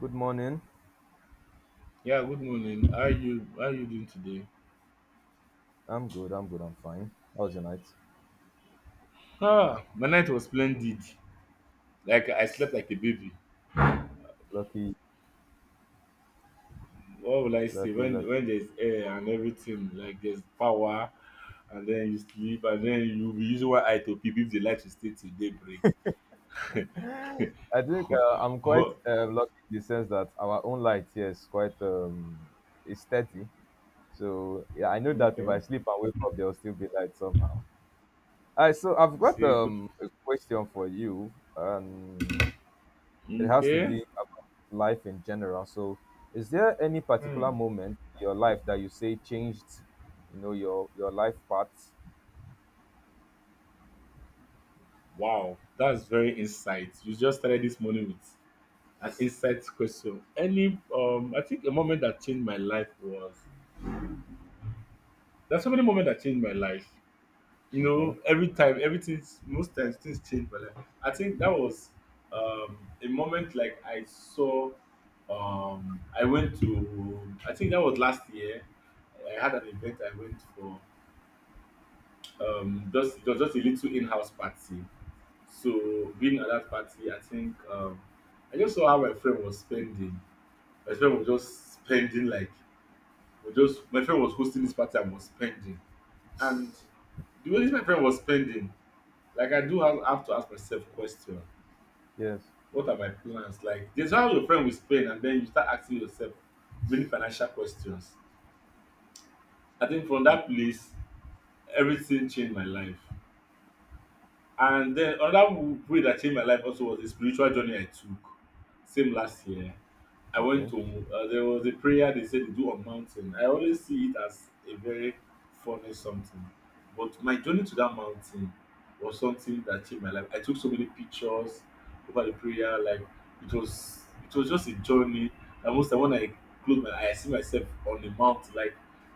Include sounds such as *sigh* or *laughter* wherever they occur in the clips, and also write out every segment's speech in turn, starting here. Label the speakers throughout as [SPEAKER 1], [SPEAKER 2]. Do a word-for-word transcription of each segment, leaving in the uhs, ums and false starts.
[SPEAKER 1] Good morning.
[SPEAKER 2] Yeah, good morning. How are you how are you doing today?
[SPEAKER 1] I'm good. I'm good. I'm fine. How was your night?
[SPEAKER 2] Ah, my night was splendid. Like I slept like a baby.
[SPEAKER 1] Lucky,
[SPEAKER 2] What will I say?
[SPEAKER 1] lucky,
[SPEAKER 2] When
[SPEAKER 1] lucky.
[SPEAKER 2] when there's air and everything, like there's power and then you sleep and then you'll be using one eye to peep if the light will stay till daybreak.
[SPEAKER 1] I think uh, I'm quite uh, lucky in the sense that our own light here is quite um, it's steady. So yeah, I know
[SPEAKER 2] *laughs*
[SPEAKER 1] that if
[SPEAKER 2] Okay.
[SPEAKER 1] I sleep and wake up, there will still be light somehow. All right. So I've
[SPEAKER 2] You
[SPEAKER 1] got
[SPEAKER 2] see good
[SPEAKER 1] um, a question for you, and it has to be
[SPEAKER 2] okay.
[SPEAKER 1] about life in general. So, is there any particular
[SPEAKER 2] Hmm.
[SPEAKER 1] moment in your life that you say changed, you know, your your life path?
[SPEAKER 2] Wow, that's very insight. You just started this morning with an insight question. Any um I think a moment that changed my life was there's so many moments that changed my life. You
[SPEAKER 1] Okay.
[SPEAKER 2] know, every time, everything's most times things change my life. I think that was um, a moment like I saw. Um, I went to. I think that was last year. I had an event I went for. Um, just it was just a little in-house party. So being at that party, I think um, I just saw how my friend was spending. My friend was just spending like, was just my friend was hosting this party and was spending. And the way this my friend was spending, like I do have, have to ask myself question.
[SPEAKER 1] Yes.
[SPEAKER 2] What are my plans? Like there's how your friend will spend and then you start asking yourself many financial questions. I think from that place, everything changed my life. And then another w- way that changed my life also was the spiritual journey I took. Same last year. I went
[SPEAKER 1] Okay.
[SPEAKER 2] to, uh, there was a prayer they said they do on mountain. I always see it as a very funny something. But my journey to that mountain was something that changed my life. I took so many pictures over the prayer. Like it was, it was just a journey. And most time when I close my eyes, I see myself on the mountain. Like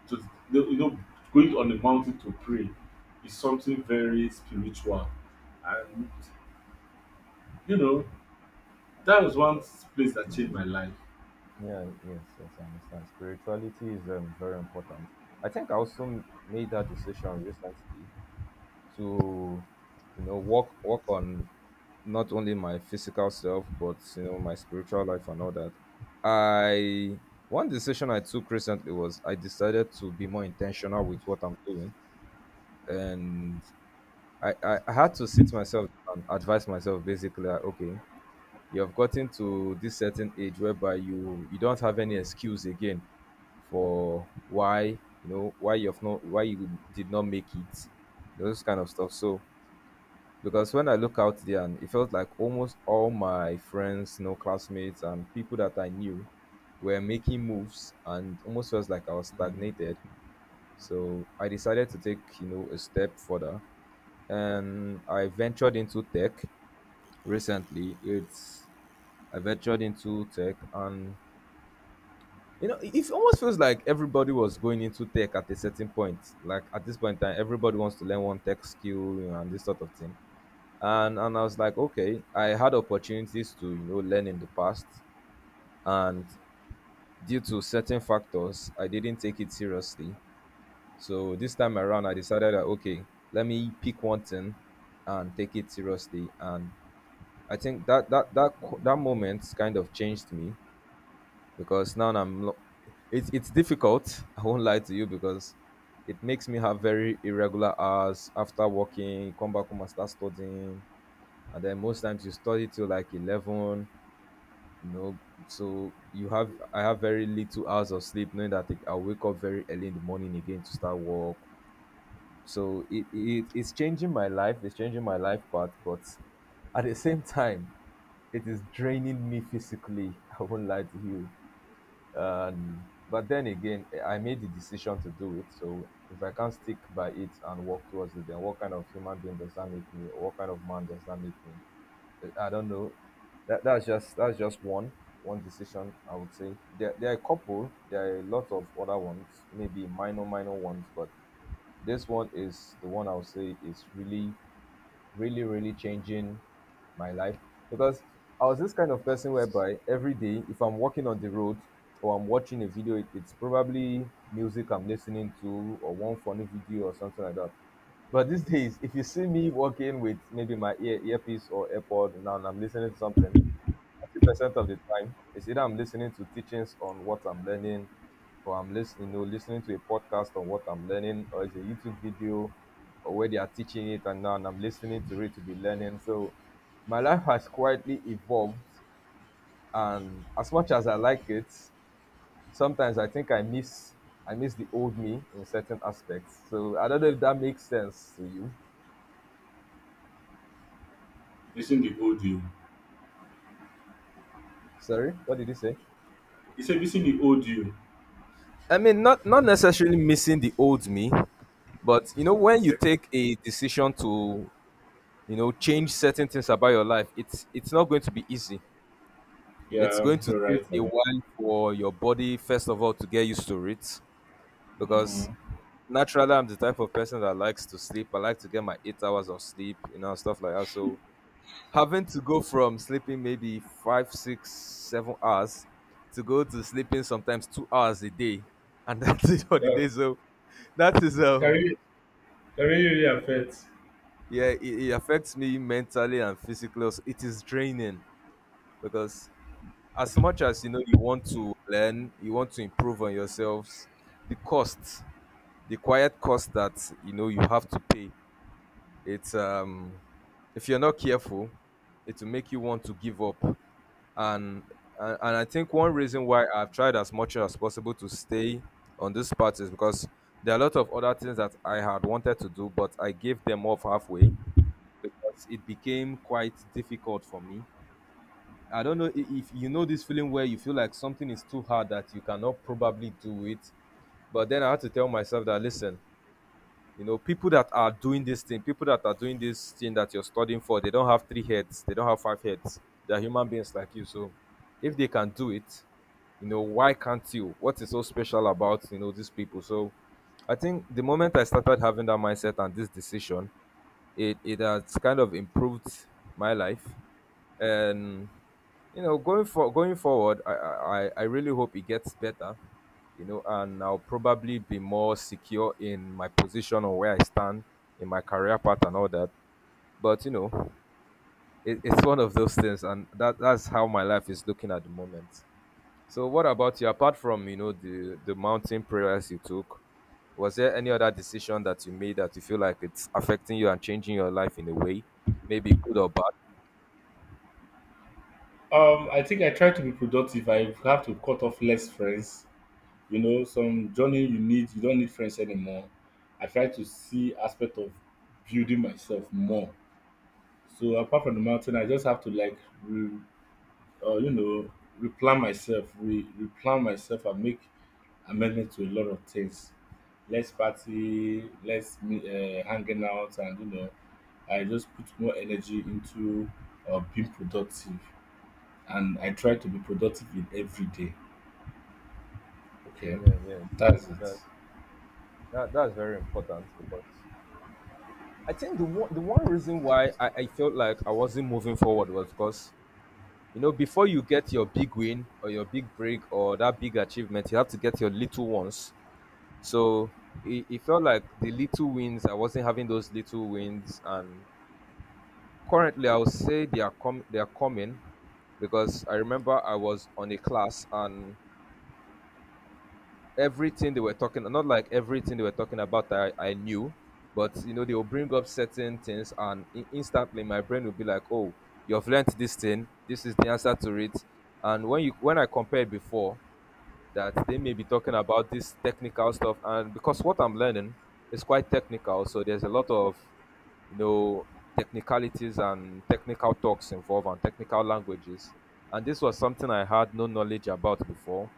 [SPEAKER 2] to, you know, going on the mountain to pray is something very spiritual and you know, that was one place that changed my life.
[SPEAKER 1] Yeah, yes, yes, I understand. Spirituality is um, very important. I think I also m- made that decision recently to, you know, work work on not only my physical self but you know my spiritual life and all that. I One decision I took recently was I decided to be more intentional with what I'm doing, and I I, I had to sit myself and advise myself basically. Like, okay, you have gotten to this certain age whereby you you don't have any excuse again for why you know why you've not, why you did not make it, you know, those kind of stuff. So because when I look out there and it felt like almost all my friends, you know, classmates and people that I knew were making moves and almost felt like I was
[SPEAKER 2] Mm.
[SPEAKER 1] stagnated, so I decided to take, you know, a step further and I ventured into tech recently. It's i ventured into tech and you know, it almost feels like everybody was going into tech at a certain point. Like at this point in time, everybody wants to learn one tech skill, you know, and this sort of thing. And and I was like, okay, I had opportunities to, you know, learn in the past. And due to certain factors, I didn't take it seriously. So this time around I decided that okay, let me pick one thing and take it seriously. And I think that that that that moment kind of changed me because now I'm lo- it's it's difficult. *laughs* I won't lie to you because it makes me have very irregular hours. After working, come back home and start studying, and then most times you study till like eleven. You know, so you have I have very little hours of sleep, knowing that I'll wake up very early in the morning again to start work. So it, it it's changing my life. It's changing my life part, but at the same time, it is draining me physically. *laughs* I won't lie to you. And but then again, eh, I made the decision to do it, so if I can't stick by it and work towards it, then what kind of human being does that make me, or what kind of man does that make me? Eh, I don't know. That, that's just that's just one one decision I would say. There, there are a couple, there are a lot of other ones, maybe minor minor ones, but this one is the one I would say is really really, really changing my life. Because I was this kind of person whereby every day, if I'm walking on the road or I'm watching a video, it, it's probably music I'm listening to, or one funny video or something like that. But these days, if you see me walking with maybe my ear earpiece or AirPod now and I'm listening to something, ninety percent of the time, it's either I'm listening to teachings on what I'm learning, or I'm listening, you know, listening to a podcast on what I'm learning, or it's a YouTube video, or where they are teaching it, and now and I'm listening to it to be learning. So my life has quietly evolved, and as much as I like it, sometimes I think I miss I miss the old me in certain aspects. So I don't know if that makes sense to you.
[SPEAKER 2] Missing the old you.
[SPEAKER 1] Sorry, what did you say?
[SPEAKER 2] You say missing the old you.
[SPEAKER 1] I mean, not not necessarily missing the old me, but you know, when you take a decision to, you know, change certain things about your life, it's it's not going to be easy. It's going
[SPEAKER 2] Yeah,
[SPEAKER 1] to
[SPEAKER 2] you're
[SPEAKER 1] take
[SPEAKER 2] right.
[SPEAKER 1] a
[SPEAKER 2] Baba.
[SPEAKER 1] while for your body, first of all, to get used to it. Because
[SPEAKER 2] Mhm.
[SPEAKER 1] naturally, I'm the type of person that likes to sleep. I like to get my eight hours of sleep, you know, stuff like that. So having to go from sleeping maybe five, six, seven hours to go to sleeping sometimes two hours a day, and *laughs* that's it for the
[SPEAKER 2] Yeah.
[SPEAKER 1] day. So that is um
[SPEAKER 2] Great.
[SPEAKER 1] yeah, it, it affects me mentally and physically also. It is draining because as much as, you know, you want to learn, you want to improve on yourselves, the cost, the quiet cost that you know you have to pay, it's um if you're not careful, it will make you want to give up. And and, and I think one reason why I've tried as much as possible to stay on this path is because there are a lot of other things that I had wanted to do but I gave them off halfway because it became quite difficult for me. I don't know i- if you know this feeling where you feel like something is too hard that you cannot probably do it. But then I had to tell myself that listen, you know, people that are doing this thing, people that are doing this thing that you're studying for, they don't have three heads, they don't have five heads. They're human beings like you. So if they can do it, you know, why can't you? What is so special about, you know, these people? So I think the moment I started having that mindset and this decision, it it has kind of improved my life. And you know, going for going forward, i i, I I really hope it gets better, you know, and I'll probably be more secure in my position or where I stand in my career path and all that. But you know, it, it's one of those things, and that that's how my life is looking at the moment. So what about you? Apart from, you know, the the mountain prayers you took, was there any other decision that you made that you feel like it's affecting you and changing your life in a way, maybe good or bad?
[SPEAKER 2] Um, I think I try to be productive. I have to cut off less friends. You know, some journey you need, you don't need friends anymore. I try to see aspect of building myself more. So apart from the mountain, I just have to like re- uh, you know, replan myself, re replan myself and make amendment to a lot of things. Less party, less me uh, hanging out, and you know, I just put more energy into uh, being productive, and I try to be productive in every day. Okay,
[SPEAKER 1] Yeah, yeah.
[SPEAKER 2] that's it.
[SPEAKER 1] That, that that's very important because I think the one the one reason why I, I felt like I wasn't moving forward was because, you know, before you get your big win or your big break or that big achievement, you have to get your little ones. So it, it felt like the little wins, I wasn't having those little wins. And currently, I would say they are com- they are coming because I remember I was on a class and everything they were talking, not like everything they were talking about I, I knew, but you know they will bring up certain things and in- instantly my brain will be like, oh, you've learnt this thing, this is the answer to it. And when you when I compared before, that they may be talking about this technical stuff, and because what I'm learning is quite technical, so there's a lot of, you know, technicalities and technical talks involved and technical languages. And this was something I had no knowledge about before.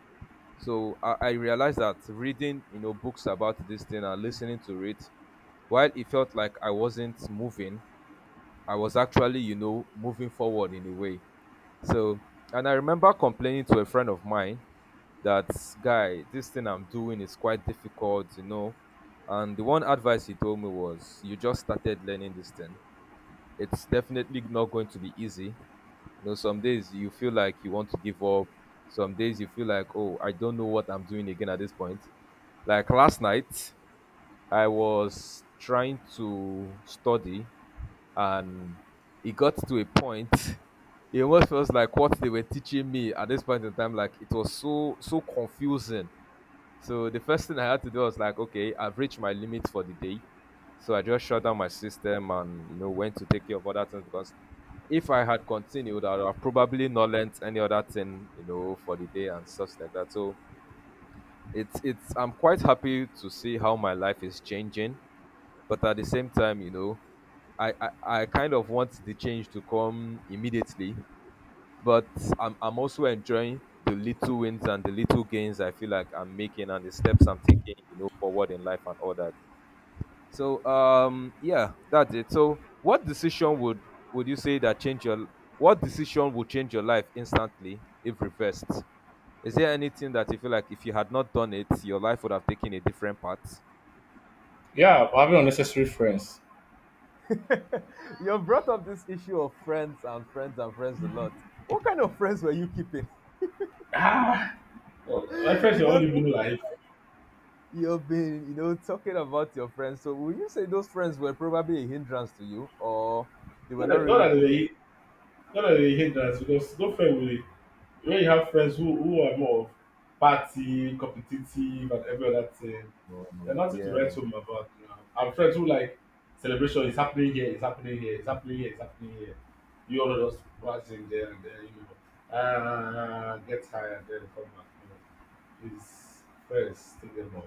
[SPEAKER 1] So i, I realized that reading, you know, books about this thing and listening to it, while it felt like I wasn't moving, I was actually, you know, moving forward in a way. So, and I remember complaining to a friend of mine that, guy, this thing I'm doing is quite difficult, you know. And the one advice he told me was, you just started learning this thing. It's definitely not going to be easy. You know, some days you feel like you want to give up. Some days you feel like, oh, I don't know what I'm doing again at this point. Like last night, I was trying to study and it got to a point *laughs* it almost feels like what they were teaching me at this point in time, like it was so so confusing. So the first thing I had to do was like, okay, I've reached my limit for the day. So I just shut down my system and, you know, went to take care of other things because if I had continued, I would have probably not learnt any other thing, you know, for the day and stuff like that. So it's it's I'm quite happy to see how my life is changing, but at the same time, you know, I I, I kind of want the change to come immediately but I'm I'm also enjoying the little wins and the little gains I feel like I'm making and the steps I'm taking, you know, forward in life and all that. So um yeah, that's it. So what decision would would you say that change your what decision would change your life instantly if reversed? Is there anything that you feel like if you had not done it, your life would have taken a different path? *laughs*
[SPEAKER 2] Yeah, having unnecessary friends.
[SPEAKER 1] You have brought up this issue of friends and friends and friends a lot. What kind of friends were you keeping?
[SPEAKER 2] Ah, well, my
[SPEAKER 1] *laughs*
[SPEAKER 2] friends are all
[SPEAKER 1] Because
[SPEAKER 2] living life.
[SPEAKER 1] you've been, you know, talking about your friends. So would you say those friends were probably a hindrance to you or they were
[SPEAKER 2] Not
[SPEAKER 1] not
[SPEAKER 2] that, not
[SPEAKER 1] really
[SPEAKER 2] that
[SPEAKER 1] good?
[SPEAKER 2] they were no, no, they hate that because no friend will when you have friends who who are more of party, competitive, and every other thing, there's
[SPEAKER 1] Mm,
[SPEAKER 2] nothing to write
[SPEAKER 1] yeah.
[SPEAKER 2] home about. You know, and friends who like celebration is happening here, it's happening here, it's happening here, it's happening here. You all just rush in there and then you know, uh, get tired, then come back. You know, it's friends, take them off.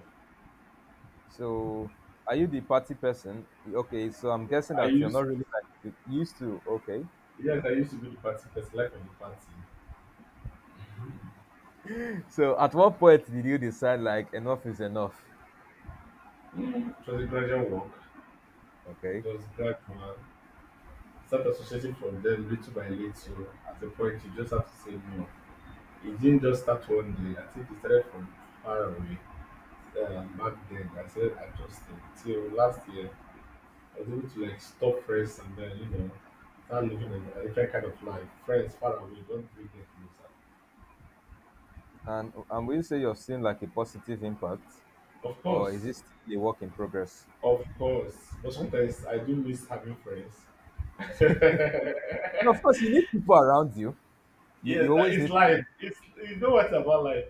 [SPEAKER 1] So are you the party person? Okay, so I'm guessing
[SPEAKER 2] I
[SPEAKER 1] that you're not
[SPEAKER 2] used,
[SPEAKER 1] really like you used to, okay.
[SPEAKER 2] yes, I used to be the party person, like on the party.
[SPEAKER 1] So at what point did you decide like enough is enough?
[SPEAKER 2] It was a gradual work,
[SPEAKER 1] Okay.
[SPEAKER 2] just gradual. Start associating from them little by little. At the point, you just have to say no. It didn't just start one day. I think it started from far away. Um, back then, I started adjusting. Till last year, I was able to like stop friends and then, you know, start living a, a different kind of life. Friends far away, don't bring them closer.
[SPEAKER 1] And and will you say you've seen like a positive impact
[SPEAKER 2] Of
[SPEAKER 1] or is
[SPEAKER 2] course,
[SPEAKER 1] it still a work in progress?
[SPEAKER 2] of course. But sometimes I do miss having friends. *laughs* Yeah,
[SPEAKER 1] No, of course you need people around you. You you
[SPEAKER 2] that
[SPEAKER 1] always
[SPEAKER 2] is
[SPEAKER 1] need
[SPEAKER 2] life. It's you know what about life.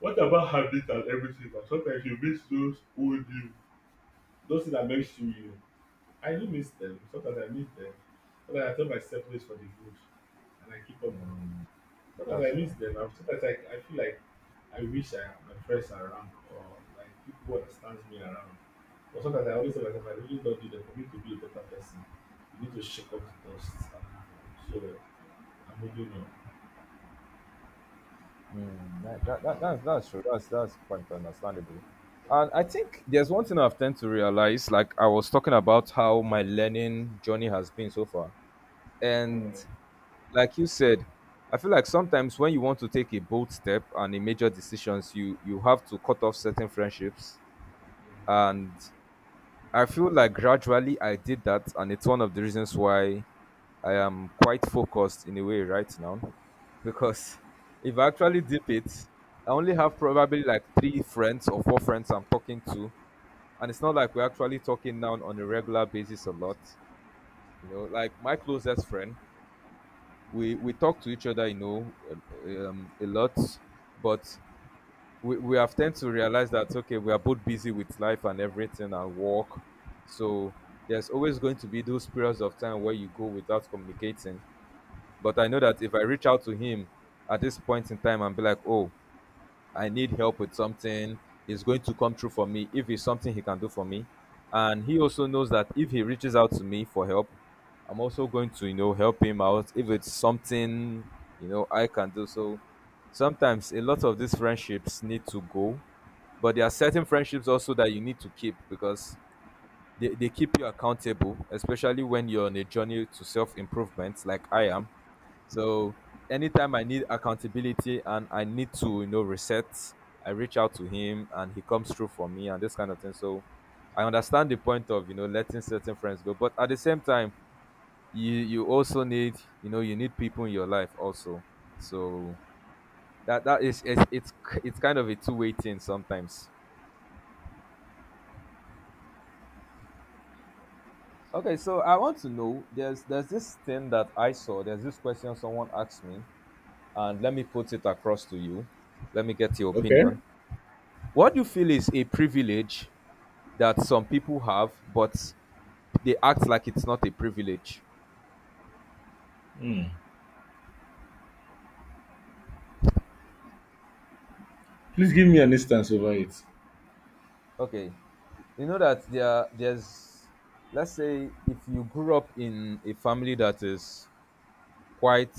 [SPEAKER 2] What about habits and everything na sometimes you miss those old you those things that makes you you. I do miss them. Sometimes I miss them. But I tell myself this for the good and I keep on moving. Sometimes
[SPEAKER 1] that's
[SPEAKER 2] I miss
[SPEAKER 1] true.
[SPEAKER 2] dem and sometimes I I feel like I wish I had my friends around or like people who understands me around but sometimes I always tell myself I really don need them for me to be a better person. You need to shake off the dust and move on. So I'm moving on.
[SPEAKER 1] That, that, that, that's, that's true. That's, that's quite understandable. And I think there's one thing I've tend to realize, like I was talking about how my learning journey has been so far.
[SPEAKER 2] Mm.
[SPEAKER 1] And like you said, I feel like sometimes when you want to take a bold step and a major decisions, you you have to cut off certain friendships and I feel like gradually I did that, and it's one of the reasons why I am quite focused in a way right now. Because *laughs* if I actually dip it, I only have probably like three friends or four friends I'm talking to. And it's not like we're actually talking now on a regular basis a lot. You know, like my closest friend, we, we talk to each other, you know, um, a lot. But we, we have tend to realize that okay we are both busy with life and everything and work so there's always going to be those periods of time where you go without communicating but I know that if I reach out to him at this point in time and be like, oh, I need help with something, he's going to come through for me if it's something he can do for me. And he also knows that if he reaches out to me for help, I'm also going to, you know, help him out if it's something, you know, I can do. So sometimes a lot of these friendships need to go, but there are certain friendships also that you need to keep because they, they keep you accountable, especially when you're on a journey to self improvement, like I am so anytime I need accountability and I need to, you know, reset, I reach out to him and he comes through for me and this kind of thing. So I understand the point of, you know, letting certain friends go. But at the same time, you you also need, you know, you need people in your life also. So that that is it's it's, it's kind of a two-way thing sometimes. Okay, so I want to know there's there's this thing that I saw, there's this question someone asked me, and let me put it across to you. Let me get your
[SPEAKER 2] Okay.
[SPEAKER 1] opinion. What do you feel is a privilege that some people have, but they act like it's not a privilege?
[SPEAKER 2] Hmm. Please give me an instance over it.
[SPEAKER 1] Okay, you know that there there's let's say if you grew up in a family that is quite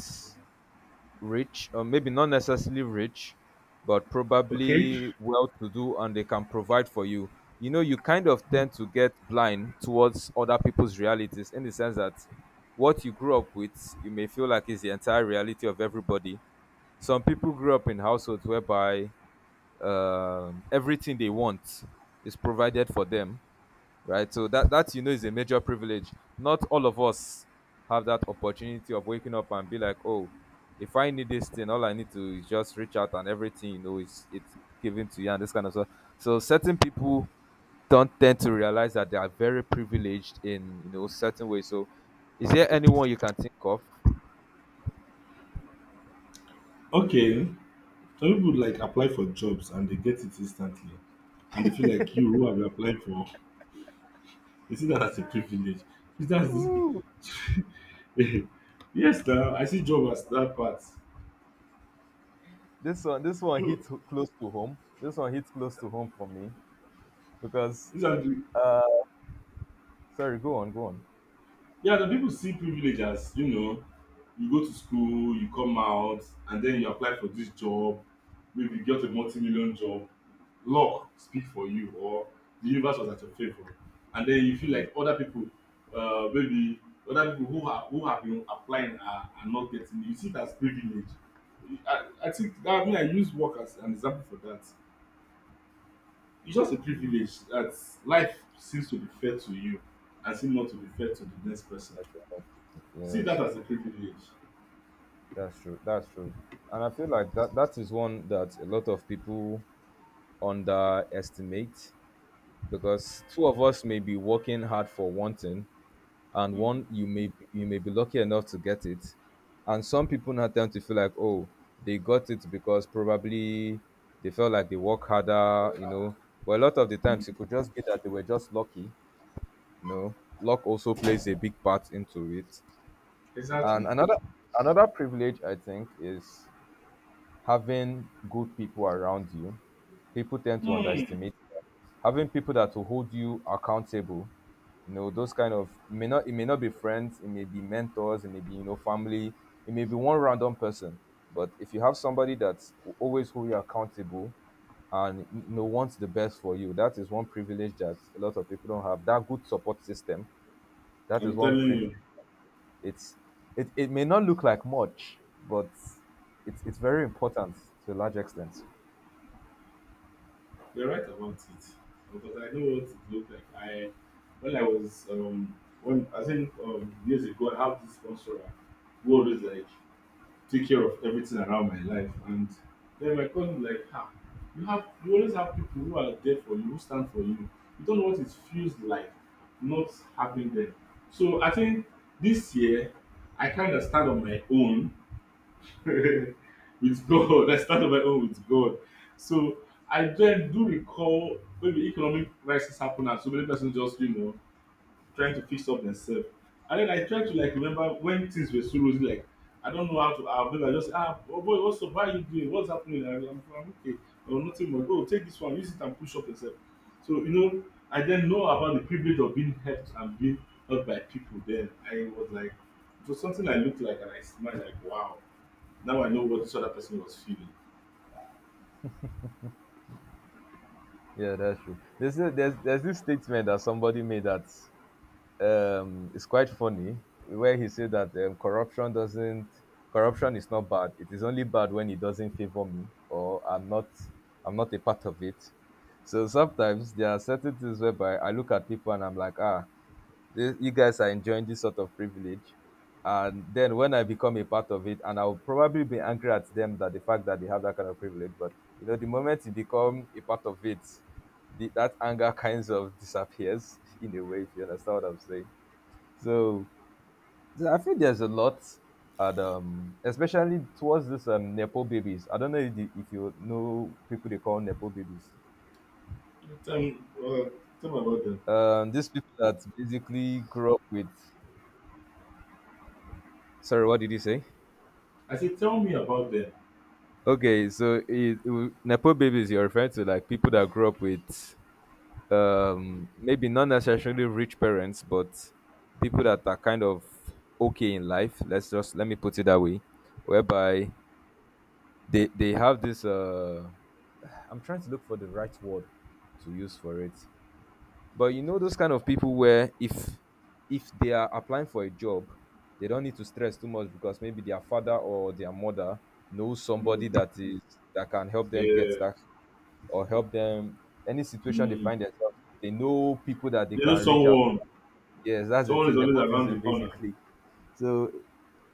[SPEAKER 1] rich, or maybe not necessarily rich, but
[SPEAKER 2] Okay,
[SPEAKER 1] probably well to do and they can provide for you, you know, you kind of tend to get blind towards other people's realities in the sense that what you grew up with, you may feel like is the entire reality of everybody. Some people grew up in households whereby um, everything they want is provided for them right? So that that you know is a major privilege. Not all of us have that opportunity of waking up and be like, oh, if I need this thing, all I need to is just reach out and everything you know is it's given to you and this kind of stuff. So certain people don't tend to realize that they are very privileged in you know certain ways. So is there anyone you can think of?
[SPEAKER 2] okay some people like apply for jobs and they get it instantly, and they feel like you who have applied for, they see that as a privilege. Is that *laughs* yes? Now I see job as that part.
[SPEAKER 1] This one, this one
[SPEAKER 2] You,
[SPEAKER 1] hits ho- close to home. This one hits close to home for me because
[SPEAKER 2] these are the
[SPEAKER 1] sorry, go on, go on.
[SPEAKER 2] yeah, the people see privilege as you know, you go to school, you come out, and then you apply for this job, maybe you get a multi-million job, luck speak for you, or the universe was at your favor, and then you feel like other people, uh, maybe other people who have who have been applying are, are not getting. You see it as privilege. I, I think that I mean I use work as an example for that. It's just a privilege that life seems to be fair to you, and seems not to be fair to the next person. See
[SPEAKER 1] Yes.
[SPEAKER 2] that as a privilege.
[SPEAKER 1] That's true. That's true. And I feel like that that is one that a lot of people underestimate because two of us may be working hard for one thing, and one you may you may be lucky enough to get it, and some people now tend to feel like oh they got it because probably they felt like they work harder, you know. But a lot of the
[SPEAKER 2] Mm.
[SPEAKER 1] times it could just be that they were just lucky, you know. Luck also plays a big part into it. And
[SPEAKER 2] Exactly.
[SPEAKER 1] another another privilege I think is having good people around you, people tend to
[SPEAKER 2] Mm.
[SPEAKER 1] underestimate that. Having people that will hold you accountable, you know, those kind of may not it may not be friends, it may be mentors, it may be you know family, it may be one random person. But if you have somebody that will always hold you accountable and you know wants the best for you, that is one privilege that a lot of people don't have. That good support system, that is
[SPEAKER 2] I'm
[SPEAKER 1] one
[SPEAKER 2] telling
[SPEAKER 1] privilege.
[SPEAKER 2] you,
[SPEAKER 1] It's it, it may not look like much, but it's it's very important to a large extent.
[SPEAKER 2] you're right about it. Because I know what it looked like. I when I was um when I think um years ago I have this sponsor who always like take care of everything around my life and then my cousin like ah you have you always have people who are there for you, who stand for you. You don't know what it feels like not having them. So I think this year I kinda stand on my own *laughs* with God. I started my own with God. So I then do recall when the economic crisis happened and so many persons just you know trying to fix up themselves. And then I try to like remember when things were so rosy. Like I don't know how to. I maybe I just ah oh boy, what's up? How are you doing? What's happening? I, I'm, I'm okay. Oh nothing more. Go take this one. Use it and push up yourself. So you know I then know about the privilege of being helped and being helped by people. Then I was like it was something I looked like and I smiled like wow now I know what this other person was feeling.
[SPEAKER 1] Yeah, that's true. There's a, there's there's this statement that somebody made that um is quite funny, where he said that um, corruption doesn't corruption is not bad. It is only bad when it doesn't favor me or I'm not I'm not a part of it. So sometimes there are certain things whereby I look at people and I'm like, ah, this, you guys are enjoying this sort of privilege. And then when I become a part of it, and I'll probably be angry at them that the fact that they have that kind of privilege, but you know, the moment you become a part of it, the, that anger *laughs* kind of disappears *laughs* in a way, if you understand what I'm saying. So, so I feel there's a lot, and um, especially towards this um, Nepo babies. I don't know if, the, if you know people they call Nepo babies.
[SPEAKER 2] Tell me, uh, tell me about them.
[SPEAKER 1] Um, these people that basically grew up with. Sorry, what did you say?
[SPEAKER 2] I said, tell me about them.
[SPEAKER 1] Okay, so it, it, Nepo babies, you're referring to like people that grew up with um, maybe not necessarily rich parents, but people that are kind of okay in life. Let's just let me put it that way, whereby they they have this. Uh, I'm trying to look for the right word to use for it. But you know those kind of people where if if they are applying for a job, they don't need to stress too much because maybe their father or their mother knows
[SPEAKER 2] Mm,
[SPEAKER 1] somebody that is that can help them get
[SPEAKER 2] yeah.
[SPEAKER 1] that or help them any situation they
[SPEAKER 2] Mm.
[SPEAKER 1] find themselves. They know people that they
[SPEAKER 2] You know,
[SPEAKER 1] can reach out.
[SPEAKER 2] someone,
[SPEAKER 1] Yes, that's the
[SPEAKER 2] someone is
[SPEAKER 1] thing,
[SPEAKER 2] always around
[SPEAKER 1] nepotism
[SPEAKER 2] the corner.
[SPEAKER 1] basically. So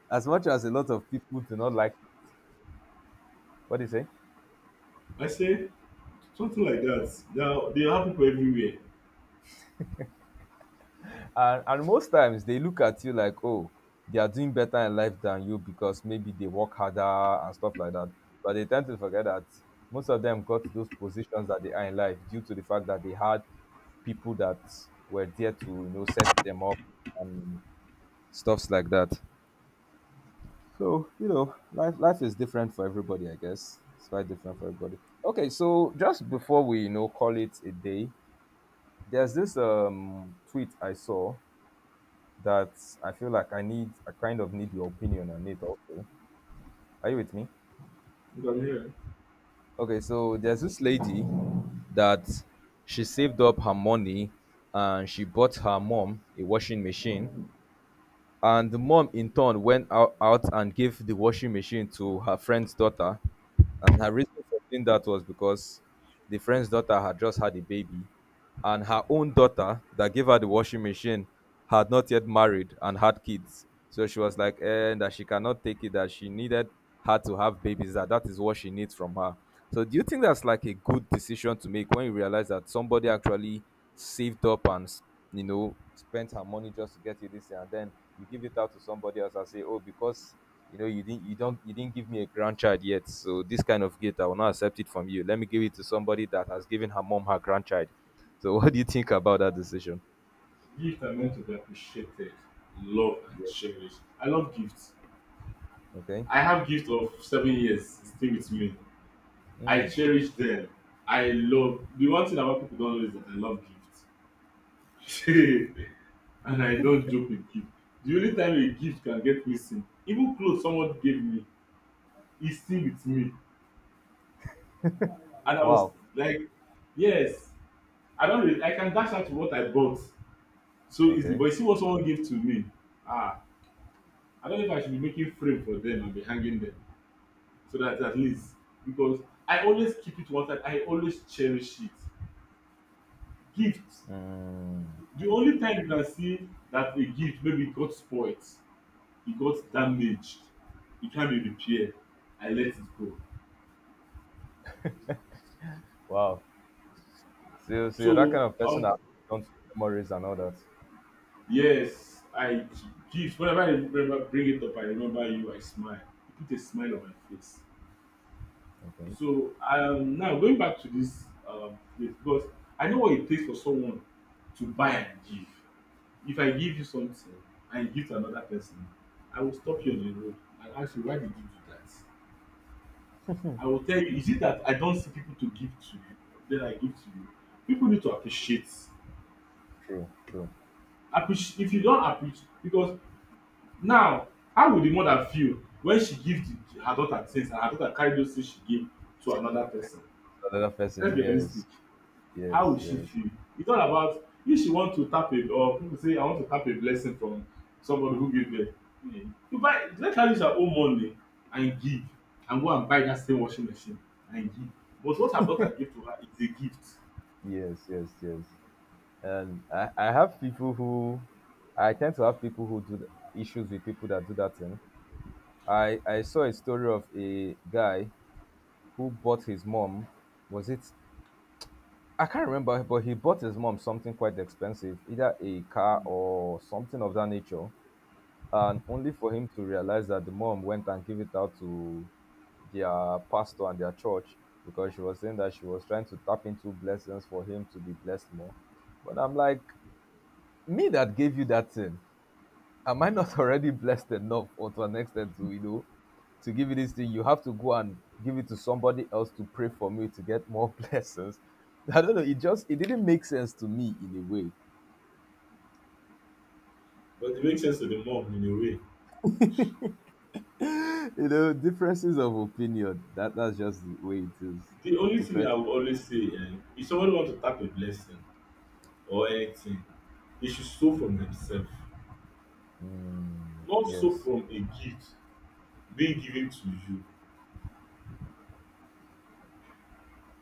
[SPEAKER 1] as much as a lot of people do not like what do you say?
[SPEAKER 2] I say something like that. Now there are people everywhere.
[SPEAKER 1] and and most times they look at you like oh they are doing better in life than you because maybe they work harder and stuff like that but they tend to forget that most of them got to those positions that they are in life due to the fact that they had people that were there to you know set them up and stuffs like that so you know life life is different for everybody I guess it's quite different for everybody. Okay so just before we you know call it a day there's this um tweet I saw that I feel like I need, I kind of need your opinion on it also. Are you with me?
[SPEAKER 2] You can hear.
[SPEAKER 1] Okay, so there's this lady that she saved up her money and she bought her mom a washing machine. And the mom in turn went ou- out and gave the washing machine to her friend's daughter. And her reason for doing that was because the friend's daughter had just had a baby, and her own daughter that gave her the washing machine had not yet married and had kids. So she was like, eh, that she cannot take it, that she needed her to have babies, that that is what she needs from her. So do you think that's like a good decision to make when you realize that somebody actually saved up and, s- you know, spent her money just to get you this and then you give it out to somebody else and say, oh, because you know you didn't you don't you didn't give me a grandchild yet, so this kind of gift I will not accept it from you. Let me give it to somebody that has given her mom her grandchild. So *laughs* what do you think about that decision?
[SPEAKER 2] Gifts are meant to be appreciated, loved, and
[SPEAKER 1] Yes.
[SPEAKER 2] cherished. I love gifts.
[SPEAKER 1] Okay.
[SPEAKER 2] I have gift of seven years still with me. I
[SPEAKER 1] Mm.
[SPEAKER 2] cherish them. I love the one thing about people don't know is that I love gifts. *laughs* And I don't joke with gift. The only time a gift can get missing, even clothes someone gave me, is still with me. And I was
[SPEAKER 1] Wow.
[SPEAKER 2] like, yes, I don't really, I can dash out what I bought so easily,
[SPEAKER 1] Okay.
[SPEAKER 2] but you see what someone gave to me. Ah, I don't know if I should be making frame for them and be hanging them so that at least because I always keep it one side, I always cherish it. Gifts.
[SPEAKER 1] Mm.
[SPEAKER 2] The only time you can see that a gift maybe got spoilt e got damaged e can't be repaired I let it go.
[SPEAKER 1] Wow. So, so you're that
[SPEAKER 2] So
[SPEAKER 1] kind of person
[SPEAKER 2] um
[SPEAKER 1] that don't memories and all that.
[SPEAKER 2] yes I gist whenever I remember bring it up I remember you I smile you put a smile on my face.
[SPEAKER 1] Okay.
[SPEAKER 2] So um now going back to this um place because I know what it takes for someone to buy and give. If I give you something and you give to another person I will stop you on the road and ask you why did you do that. I will tell you, is it that I don't see people to give to you, then I give to you? People need to appreciate.
[SPEAKER 1] True. True.
[SPEAKER 2] Appreci- if you don't appreciate, because now, how would the mother feel when she gives the, her daughter things and her daughter carry those things she gave to another person?
[SPEAKER 1] Another person.
[SPEAKER 2] Let's be realistic.
[SPEAKER 1] Yes.
[SPEAKER 2] How
[SPEAKER 1] Yes.
[SPEAKER 2] will she
[SPEAKER 1] Yes.
[SPEAKER 2] feel? It's not about if she want to tap it, or people say I want to tap a blessing from somebody who gave birth. Hmm. You buy let her use her own money and give and go and buy that same washing machine and give. But what her daughter gave to her is a gift.
[SPEAKER 1] Yes. Yes. Yes. And I, I have people who I tend to have people who do th- issues with people that do that thing. I, I saw a story of a guy who bought his mom, was it? I can't remember, but he bought his mom something quite expensive, either a car or something of that nature. And only for him to realize that the mom went and gave it out to their pastor and their church because she was saying that she was trying to tap into blessings for him to be blessed more. But I'm like, me that gave you that thing. Am I not *laughs* already blessed enough or to an extent to, you know, to give you this thing? You have to go and give it to somebody else to pray for me to get more *laughs* blessings. I don't know. It just, it didn't make sense to me in a way.
[SPEAKER 2] But it makes sense to the mom in a way.
[SPEAKER 1] *gasps* *laughs* you know, differences of opinion. That That's just the way it is.
[SPEAKER 2] The only thing
[SPEAKER 1] Different.
[SPEAKER 2] I would always say eh, if somebody wants to tap a blessing or anything, they should sow from themselves,
[SPEAKER 1] Mm,
[SPEAKER 2] not sow
[SPEAKER 1] yes.
[SPEAKER 2] from a gift being given to you.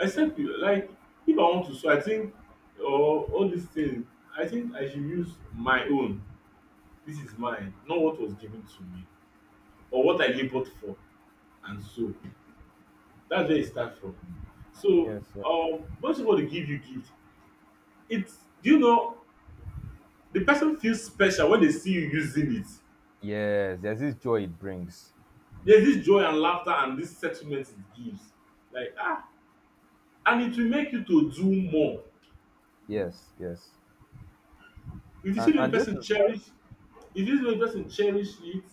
[SPEAKER 2] Except you like if I want to sow, I think or all these things, I think I should use my own. This is mine, not what was given to me or what I labored for and so. That's where it starts from. So
[SPEAKER 1] Yes. Yes.
[SPEAKER 2] um when somebody give you gift, it's do you know the person feels special when they see you using it.
[SPEAKER 1] Yes. There's this joy it brings.
[SPEAKER 2] There's this joy and laughter and this settlement it gives. Like ah, and it will make you to do more.
[SPEAKER 1] Yes. Yes.
[SPEAKER 2] If you see
[SPEAKER 1] And,
[SPEAKER 2] the
[SPEAKER 1] and this
[SPEAKER 2] person
[SPEAKER 1] is why.
[SPEAKER 2] cherish, if you see the person cherish it,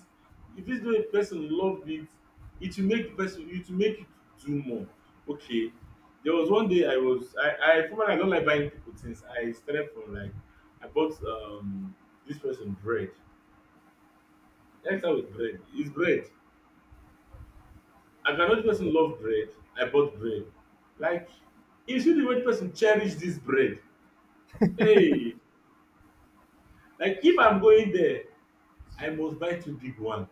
[SPEAKER 2] if you see the person love it, it will make the person, it will make you to do more. Okay, there was one day I was, I, I formerly I don't like buying people things. I started from like, I bought um this person bread. Let's start with bread. It's bread. I can know the
[SPEAKER 1] Okay.
[SPEAKER 2] person love bread. I bought bread. Like, you see the way the person cherish this bread. Hey, like if I'm going there, I must buy two big one.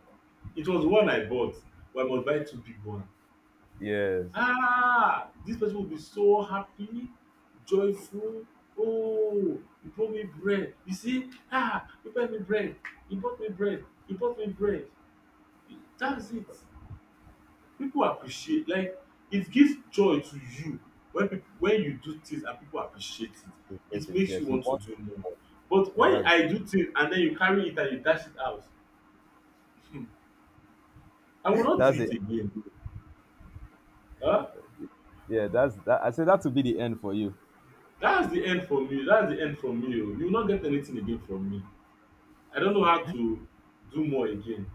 [SPEAKER 2] It was one I bought, but I must buy two big one.
[SPEAKER 1] Yes.
[SPEAKER 2] Ah, this person will be so happy, joyful. Oh, he bought me bread. You see, ah, he bought me bread. He bought me bread. He bought me bread. That's it. People appreciate like it gives joy to you when people when you do things and people appreciate
[SPEAKER 1] You
[SPEAKER 2] it.
[SPEAKER 1] get
[SPEAKER 2] It
[SPEAKER 1] it.
[SPEAKER 2] makes
[SPEAKER 1] Yes.
[SPEAKER 2] you
[SPEAKER 1] You
[SPEAKER 2] want to
[SPEAKER 1] want.
[SPEAKER 2] do more. But
[SPEAKER 1] Yeah,
[SPEAKER 2] when
[SPEAKER 1] that's
[SPEAKER 2] I do things and then you carry it and you dash it out, I will
[SPEAKER 1] *laughs*
[SPEAKER 2] not do
[SPEAKER 1] that's it.
[SPEAKER 2] it again. Huh?
[SPEAKER 1] Yeah, that's that. I said that would be the end for you.
[SPEAKER 2] That's the end for me. That's the end for me o. You will not get anything again from me. I don't know how to do more again.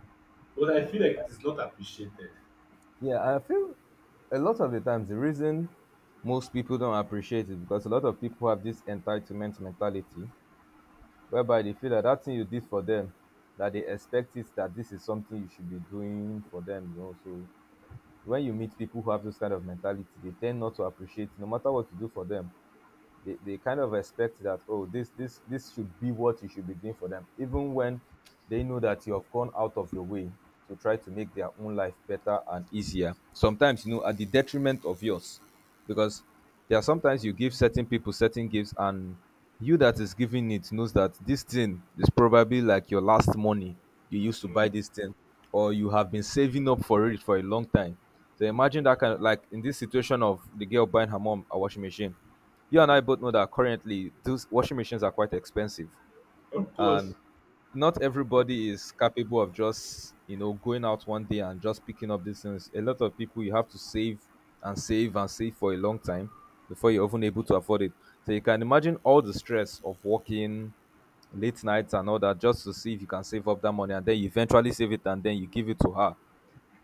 [SPEAKER 2] But I feel like it is not appreciated.
[SPEAKER 1] Yeah, I feel a lot of the times the reason most people don't appreciate it, because a lot of people have this entitlement mentality whereby they feel that that thing you did for them, that they expect it, that this is something you should be doing for them, you know so when you meet people who have this kind of mentality, they tend not to appreciate no matter what you do for them. They, they kind of expect that, oh, this this this should be what you should be doing for them, even when they know that you have gone out of your way to try to make their own life better and easier sometimes, you know at the detriment of yours, because there are sometimes you give certain people certain gifts, and you that is giving it knows that this thing is probably like your last money you used to buy
[SPEAKER 2] Mm.
[SPEAKER 1] this thing, or you have been saving up for it for a long time. So imagine that kind of, like in this situation of the girl buying her mom a washing machine, you and I both know that currently those washing machines are quite expensive,
[SPEAKER 2] Of
[SPEAKER 1] and
[SPEAKER 2] course.
[SPEAKER 1] not everybody is capable of just you know going out one day and just picking up these things. A lot of people, you have to save and save and save for a long time before you're even able to afford it. So you can imagine all the stress of working late nights and all that, just to see if you can save up that money, and then you eventually save it and then you give it to her,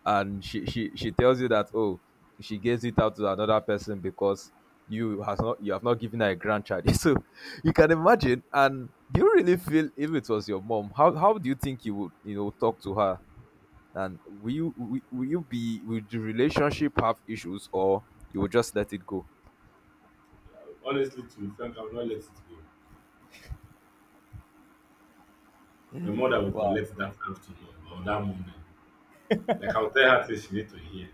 [SPEAKER 1] and she she she tells you that, oh, she gives it out to another person because you has not you have not given her a grandchild *laughs* so you can imagine. And do you really feel, if it was your mom, how how do you think you would you know talk to her, and will you will, will you be will the relationship have issues, or you will just let it go.
[SPEAKER 2] Honestly, to be frank, I will not let it go. My mother will
[SPEAKER 1] Wow.
[SPEAKER 2] collect that afternoon or that moment. Like I will tell her say she need to hear,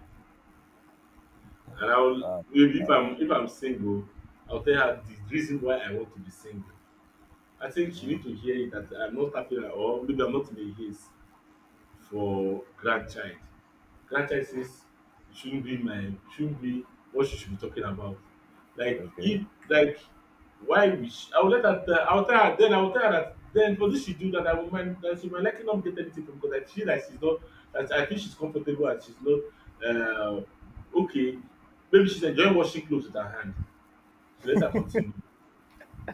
[SPEAKER 2] and I will maybe if I'm if I'm single, I'll tell her the reason why I want to be single. I think she need to hear it that I'm not happy or maybe I'm not in a haste for grandchild franchises shouldn't be my shouldn't be what she should be talking about. Like
[SPEAKER 1] Okay.
[SPEAKER 2] if like why we sh- I will let her tell I will tell her then I will tell her that then for this she do that I will mind that she might likely not get anything from because I feel like she's not that I feel she's comfortable and she's not uh, okay. Maybe she's enjoying washing clothes with her hand. So let her continue.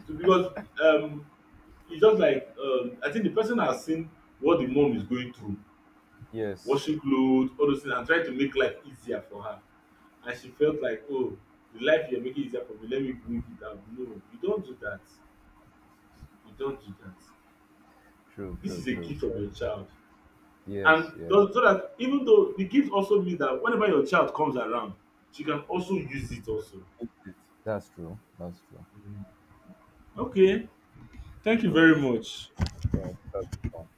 [SPEAKER 2] So because um it's just like um I think the person has seen what the mom is going through,
[SPEAKER 1] Yes.
[SPEAKER 2] washing clothes, all those things, and trying to make life easier for her and she felt like, oh, the life you're making easier for me, let me bring it down. No, you don't do that. You don't do that.
[SPEAKER 1] True,
[SPEAKER 2] This
[SPEAKER 1] true,
[SPEAKER 2] is a
[SPEAKER 1] true.
[SPEAKER 2] gift
[SPEAKER 1] So,
[SPEAKER 2] of your child,
[SPEAKER 1] yes,
[SPEAKER 2] and
[SPEAKER 1] yes.
[SPEAKER 2] does so that even though the gift also means that whenever your child comes around she can also use it also.
[SPEAKER 1] Yes, yes. That's true, that's true.
[SPEAKER 2] Mhm. Okay, thank you
[SPEAKER 1] So
[SPEAKER 2] very
[SPEAKER 1] this,
[SPEAKER 2] much.
[SPEAKER 1] yeah, that's-